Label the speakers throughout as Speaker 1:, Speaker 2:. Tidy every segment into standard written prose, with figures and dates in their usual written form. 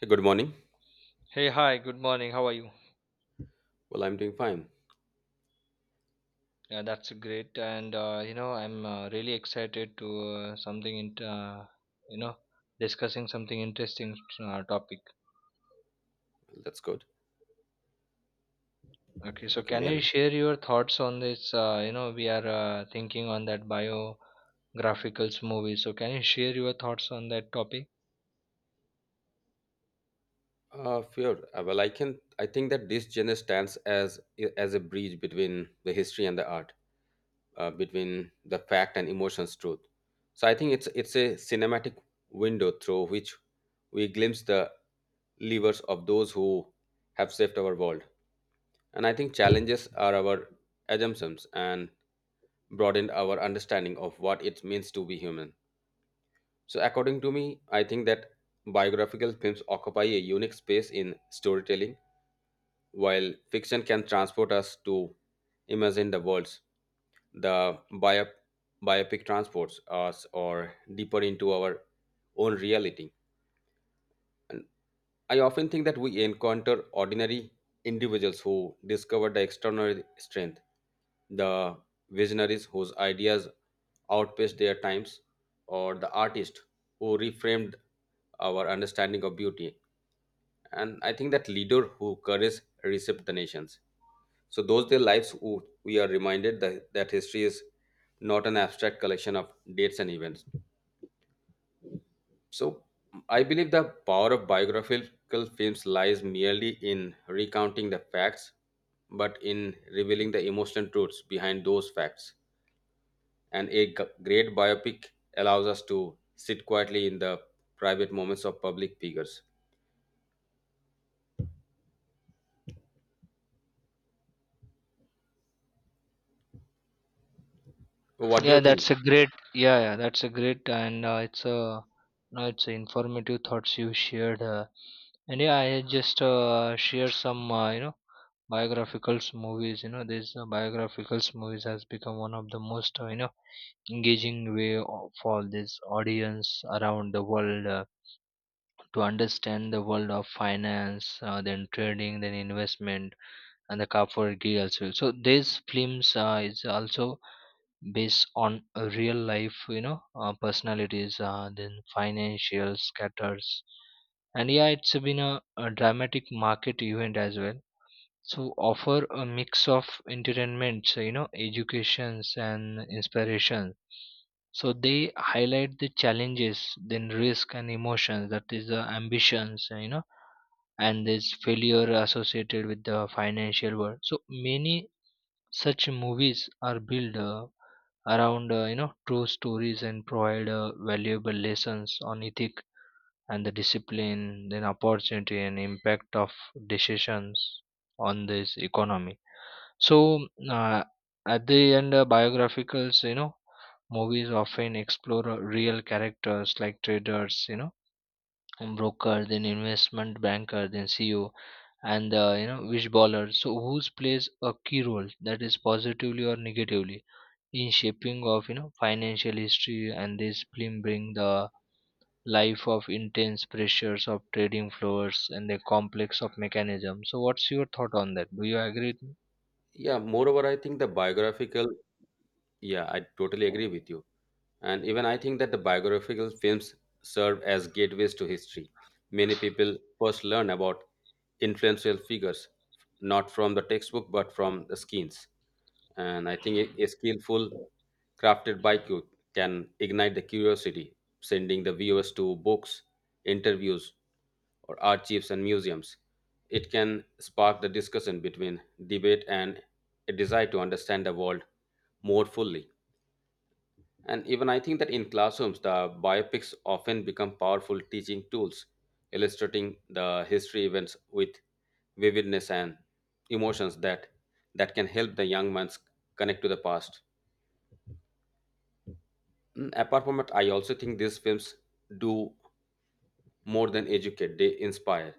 Speaker 1: Hey, good morning.
Speaker 2: Hey, hi, good morning. How are you?
Speaker 1: Well, I'm doing fine.
Speaker 2: Yeah, that's great. And you know, I'm really excited to something in you know, discussing something interesting topic.
Speaker 1: Well, that's good.
Speaker 2: Okay, so
Speaker 1: Okay,
Speaker 2: can
Speaker 1: man.
Speaker 2: you share your thoughts on this? You know, we are thinking on that biographical movie. So can you share your thoughts on that topic?
Speaker 1: Fear. Well, I can. I think that this genre stands as a bridge between the history and the art, between the fact and emotions, truth. So I think it's a cinematic window through which we glimpse the levers of those who have saved our world, and I think challenges are our assumptions and broaden our understanding of what it means to be human. So, according to me, I think that biographical films occupy a unique space in storytelling, while fiction can transport us to imagine the worlds. The biopic transports us or deeper into our own reality. I often think that we encounter ordinary individuals who discover the extraordinary strength, the visionaries whose ideas outpaced their times, or the artist who reframed our understanding of beauty. And I think that leader who courage reshaped the nations. So those their lives who we are reminded that history is not an abstract collection of dates and events, so I believe the power of biographical films lies merely in recounting the facts, but in revealing the emotional truths behind those facts. And a great biopic allows us to sit quietly in the private moments of public figures. So, what do you
Speaker 2: Yeah,
Speaker 1: think?
Speaker 2: that's a great. Yeah, yeah, that's a great, and it's a no, it's a informative thoughts you shared. And yeah, I just share some you know biographical movies, you know, this biographical movies has become one of the most you know engaging for this audience around the world to understand the world of finance, then trading, then investment and the Kapoorgi also. So these films is also based on a real life, you know, personalities, then financial scatters. And yeah, it's been a dramatic market event as well, so offer a mix of entertainment, so, you know, educations and inspiration. So they highlight the challenges, then risk and emotions. That is the ambitions, you know, and this failure associated with the financial world. So many such movies are built around you know true stories, and provide valuable lessons on ethic and the discipline, then opportunity and impact of decisions on this economy. So uh, at the end, biographies, you know, movies often explore real characters like traders, you know, and broker, then investment banker, then CEO, and you know, wish baller. So who's plays a key role, that is positively or negatively, in shaping of, you know, financial history, and this film bring the life of intense pressures of trading floors and the complex of mechanism. So what's your thought on that? Do you agree with me?
Speaker 1: Yeah, moreover, I think the biographical, yeah, I totally agree with you. And even I think that the biographical films serve as gateways to history. Many people first learn about influential figures not from the textbook but from the skins. And I think a skillful crafted baiku can ignite the curiosity, sending the viewers to books, interviews, or archives and museums. It can spark the discussion between debate and a desire to understand the world more fully. And even I think that in classrooms, the biopics often become powerful teaching tools, illustrating the history events with vividness and emotions that can help the young minds connect to the past. Apart from it, I also think these films do more than educate; they inspire.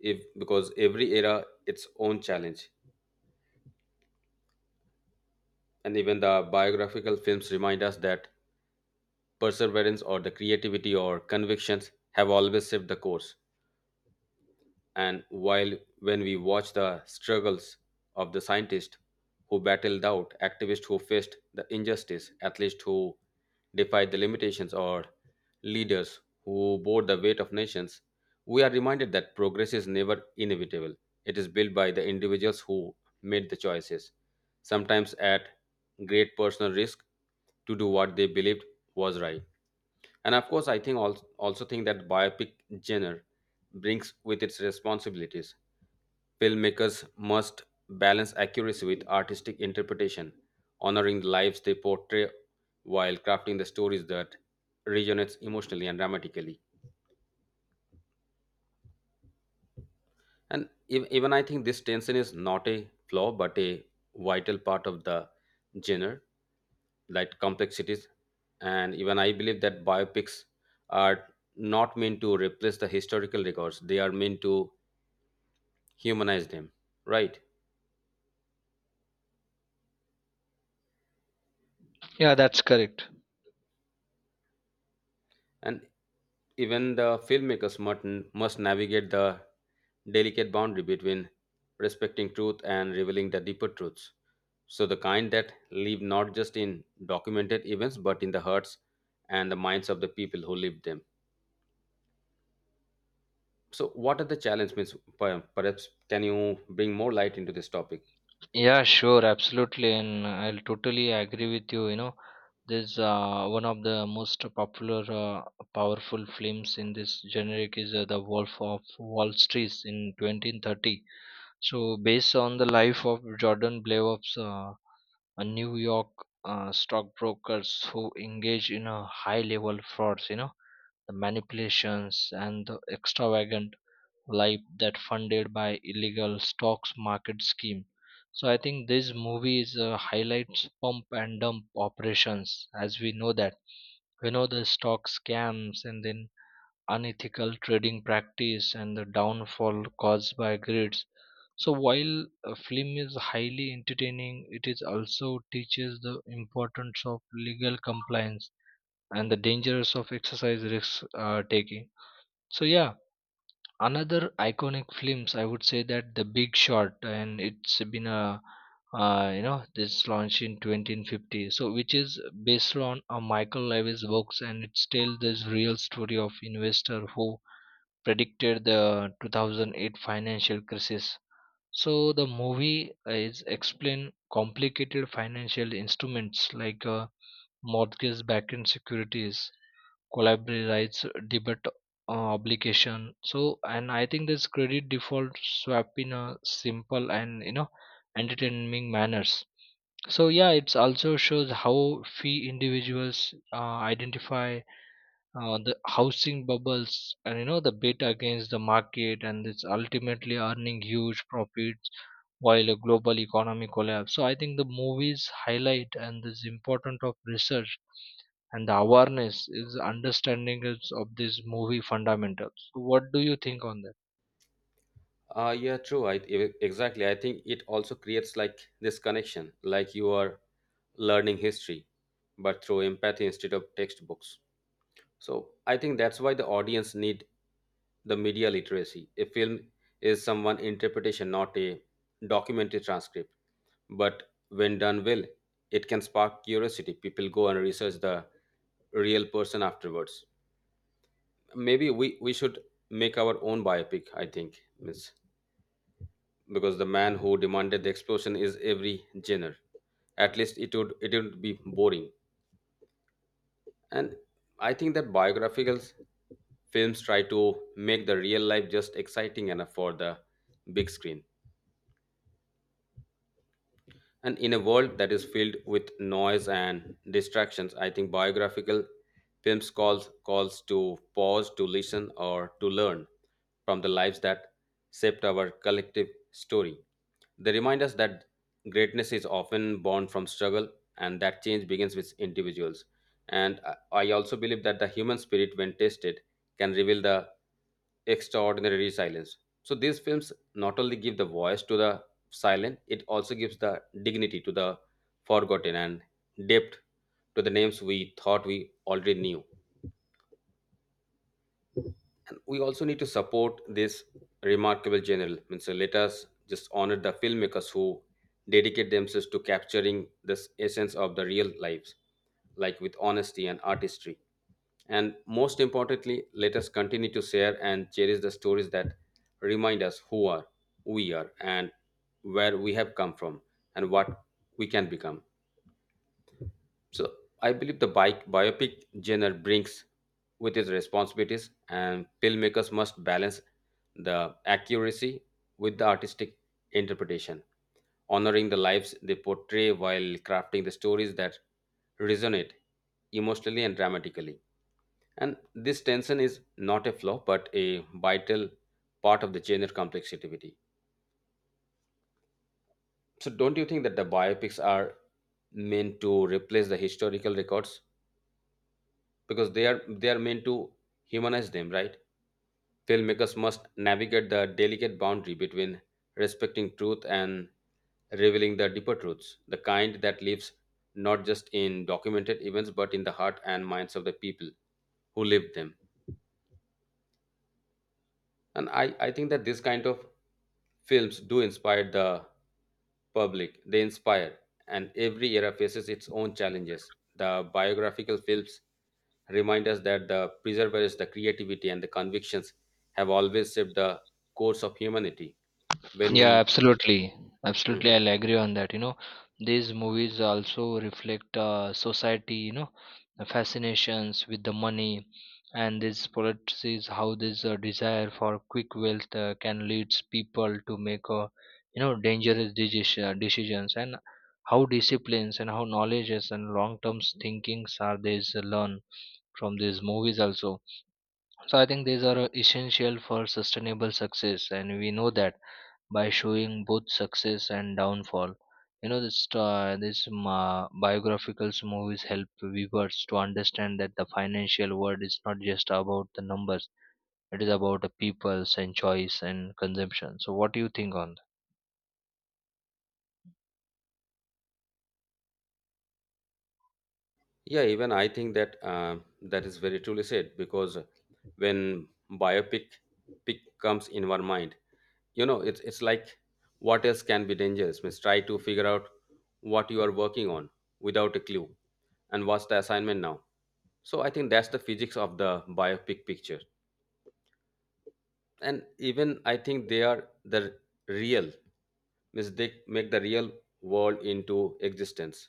Speaker 1: If because every era its own challenge, and even the biographical films remind us that perseverance or the creativity or convictions have always shaped the course. And while when we watch the struggles of the scientists who battled doubt, activists who faced the injustice, athletes who defied the limitations, or leaders who bore the weight of nations, we are reminded that progress is never inevitable. It is built by the individuals who made the choices, sometimes at great personal risk, to do what they believed was right. And of course, I think also, think that biopic genre brings with its responsibilities. Filmmakers must balance accuracy with artistic interpretation, honoring the lives they portray while crafting the stories that resonates emotionally and dramatically. And even I think this tension is not a flaw but a vital part of the genre, like complexities. And even I believe that biopics are not meant to replace the historical records; they are meant to humanized him, right?
Speaker 2: Yeah, that's correct.
Speaker 1: And even the filmmakers must navigate the delicate boundary between respecting truth and revealing the deeper truths. So, the kind that live not just in documented events but in the hearts and the minds of the people who live them. So, what are the challenges? Means, perhaps can you bring more light into this topic?
Speaker 2: Yeah, sure, absolutely, and I'll totally agree with you. You know, this one of the most popular, powerful films in this generic is The Wolf of Wall Street in 1930. So, based on the life of Jordan Blair's, a New York stockbrokers, who engage in a high-level frauds, you know, the manipulations and the extravagant life that funded by illegal stocks market scheme. So I think this movie is highlights pump and dump operations. As we know that, we know the stock scams, and then unethical trading practice, and the downfall caused by grids. So while a film is highly entertaining, it is also teaches the importance of legal compliance and the dangers of exercise risks taking. So yeah, another iconic films, I would say that the Big Short, and it's been a, you know, this launched in 1950, so which is based on a Michael Lewis books, and it's tell this real story of investor who predicted the 2008 financial crisis. So the movie is explain complicated financial instruments like, mortgage-backed securities, collateral rights, debt, obligation. So, and I think this credit default swap in a simple and, you know, entertaining manners. So yeah, it's also shows how fee individuals identify the housing bubbles, and you know the bet against the market, and it's ultimately earning huge profits while a global economy collapse. So I think the movies highlight and this important of research and the awareness is understanding is of this movie fundamentals. So what do you think on that?
Speaker 1: Yeah, true. Exactly. I think it also creates like this connection, like you are learning history, but through empathy instead of textbooks. So I think that's why the audience need the media literacy. A film is someone interpretation, not a documentary transcript. But when done well, it can spark curiosity. People go and research the real person afterwards. Maybe we should make our own biopic, I think, Miss because the man who demanded the explosion is every genre. At least it would be boring. And I think that biographical films try to make the real life just exciting enough for the big screen. And in a world that is filled with noise and distractions, I think biographical films calls to pause, to listen, or to learn from the lives that shaped our collective story. They remind us that greatness is often born from struggle, and that change begins with individuals. And I also believe that the human spirit, when tested, can reveal the extraordinary resilience. So these films not only give the voice to the silent, it also gives the dignity to the forgotten and depth to the names we thought we already knew. And we also need to support this remarkable general. Means let us just honor the filmmakers who dedicate themselves to capturing this essence of the real lives, like with honesty and artistry. And most importantly, let us continue to share and cherish the stories that remind us who are we are and where we have come from and what we can become. So I believe the bike biopic genre brings with its responsibilities, and filmmakers must balance the accuracy with the artistic interpretation, honoring the lives they portray while crafting the stories that resonate emotionally and dramatically. And this tension is not a flaw, but a vital part of the genre complexity. So, don't you think that the biopics are meant to replace the historical records because they are meant to humanize them, right? Filmmakers must navigate the delicate boundary between respecting truth and revealing the deeper truths, the kind that lives not just in documented events but in the heart and minds of the people who lived them. And I think that this kind of films do inspire the public. They inspire. And every era faces its own challenges. The biographical films remind us that the perseverance, the creativity, and the convictions have always shaped the course of humanity. When
Speaker 2: Yeah,
Speaker 1: we,
Speaker 2: absolutely. Absolutely,
Speaker 1: mhm.
Speaker 2: I'll agree on that. You know, these movies also reflect society, you know, the fascinations with the money and these policies, how this desire for quick wealth can lead people to make, you know, dangerous decisions, and how disciplines and how knowledges and long-term thinkings are these learn from these movies also. So I think these are essential for sustainable success, and we know that by showing both success and downfall. You know, this this ma biographical movies help viewers to understand that the financial world is not just about the numbers; it is about the peoples and choice and consumption. So, what do you think on?
Speaker 1: Yeah, even I think that is very truly said because when biopic pic comes in our mind, it's like what else can be dangerous? Means try to figure out what you are working on without a clue, and what's the assignment now. So I think that's the physics of the biopic picture, and even I think they are the real Ms. Dick make the real world into existence.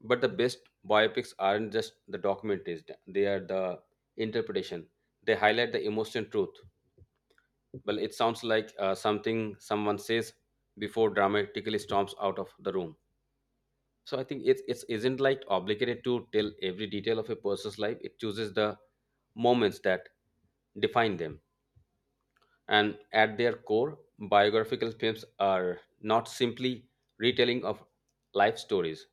Speaker 1: But the best biopics aren't just the documentaries, they are the interpretation. They highlight the emotional truth. Well, it sounds like something someone says before dramatically storms out of the room. So I think it isn't like obligated to tell every detail of a person's life. It chooses the moments that define them, and at their core, biographical films are not simply retelling of life stories.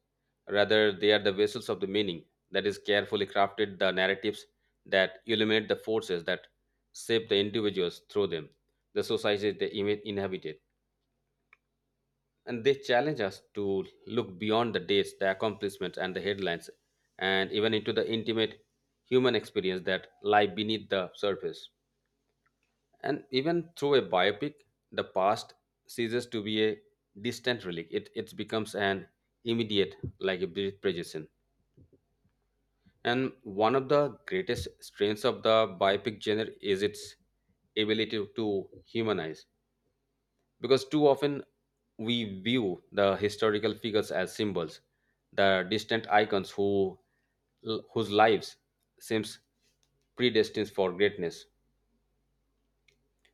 Speaker 1: Rather, they are the vessels of the meaning that is carefully crafted the narratives that illuminate the forces that shape the individuals through them, the societies they inhabited. And they challenge us to look beyond the dates, the accomplishments, and the headlines, and even into the intimate human experience that lie beneath the surface. And even through a biopic, the past ceases to be a distant relic. It becomes an immediate, like a projection. And one of the greatest strengths of the biopic genre is its ability to humanize. Because too often we view the historical figures as symbols, the distant icons whose lives seems predestined for greatness.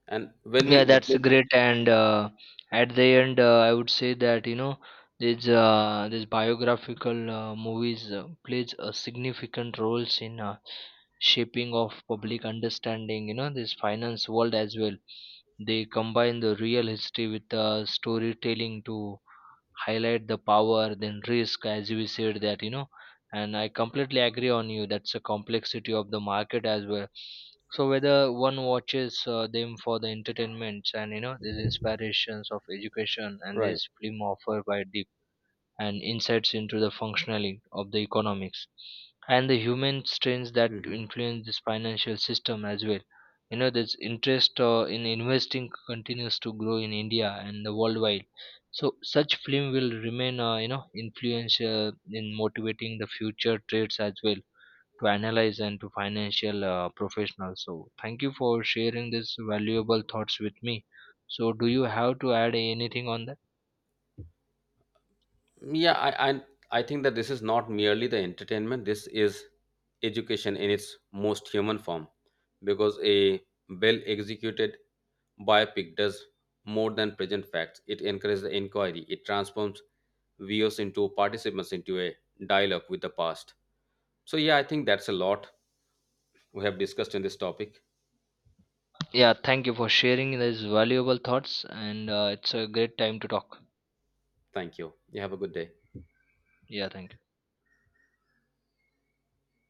Speaker 1: And when we
Speaker 2: Yeah, that's
Speaker 1: witness,
Speaker 2: great. And at the end, I would say that, you know, these biographical movies plays a significant roles in shaping of public understanding. You know, this finance world as well. They combine the real history with, storytelling to highlight the power then risk, as we said that, you know, and I completely agree on you that's a complexity of the market as well. So whether one watches them for the entertainments, and you know these inspirations of education and
Speaker 1: right?
Speaker 2: this film offer by the and insights into the functionality of the economics and the human strains that
Speaker 1: Mhm.
Speaker 2: influence this financial system as well. You know, this interest in investing continues to grow in India and the worldwide. So such film will remain, you know, influential in motivating the future trades as well, to analyze and to financial professionals. So thank you for sharing this valuable thoughts with me. So do you have to add anything on that?
Speaker 1: Yeah, I think that this is not merely the entertainment. This is education in its most human form because a well executed biopic does more than present facts. It encourages the inquiry. It transforms viewers into participants into a dialogue with the past. So yeah, I think that's a lot we have discussed in this topic.
Speaker 2: Yeah, thank you for sharing these valuable thoughts, and it's a great time to talk.
Speaker 1: Thank you. You have a good day.
Speaker 2: Yeah, thank you.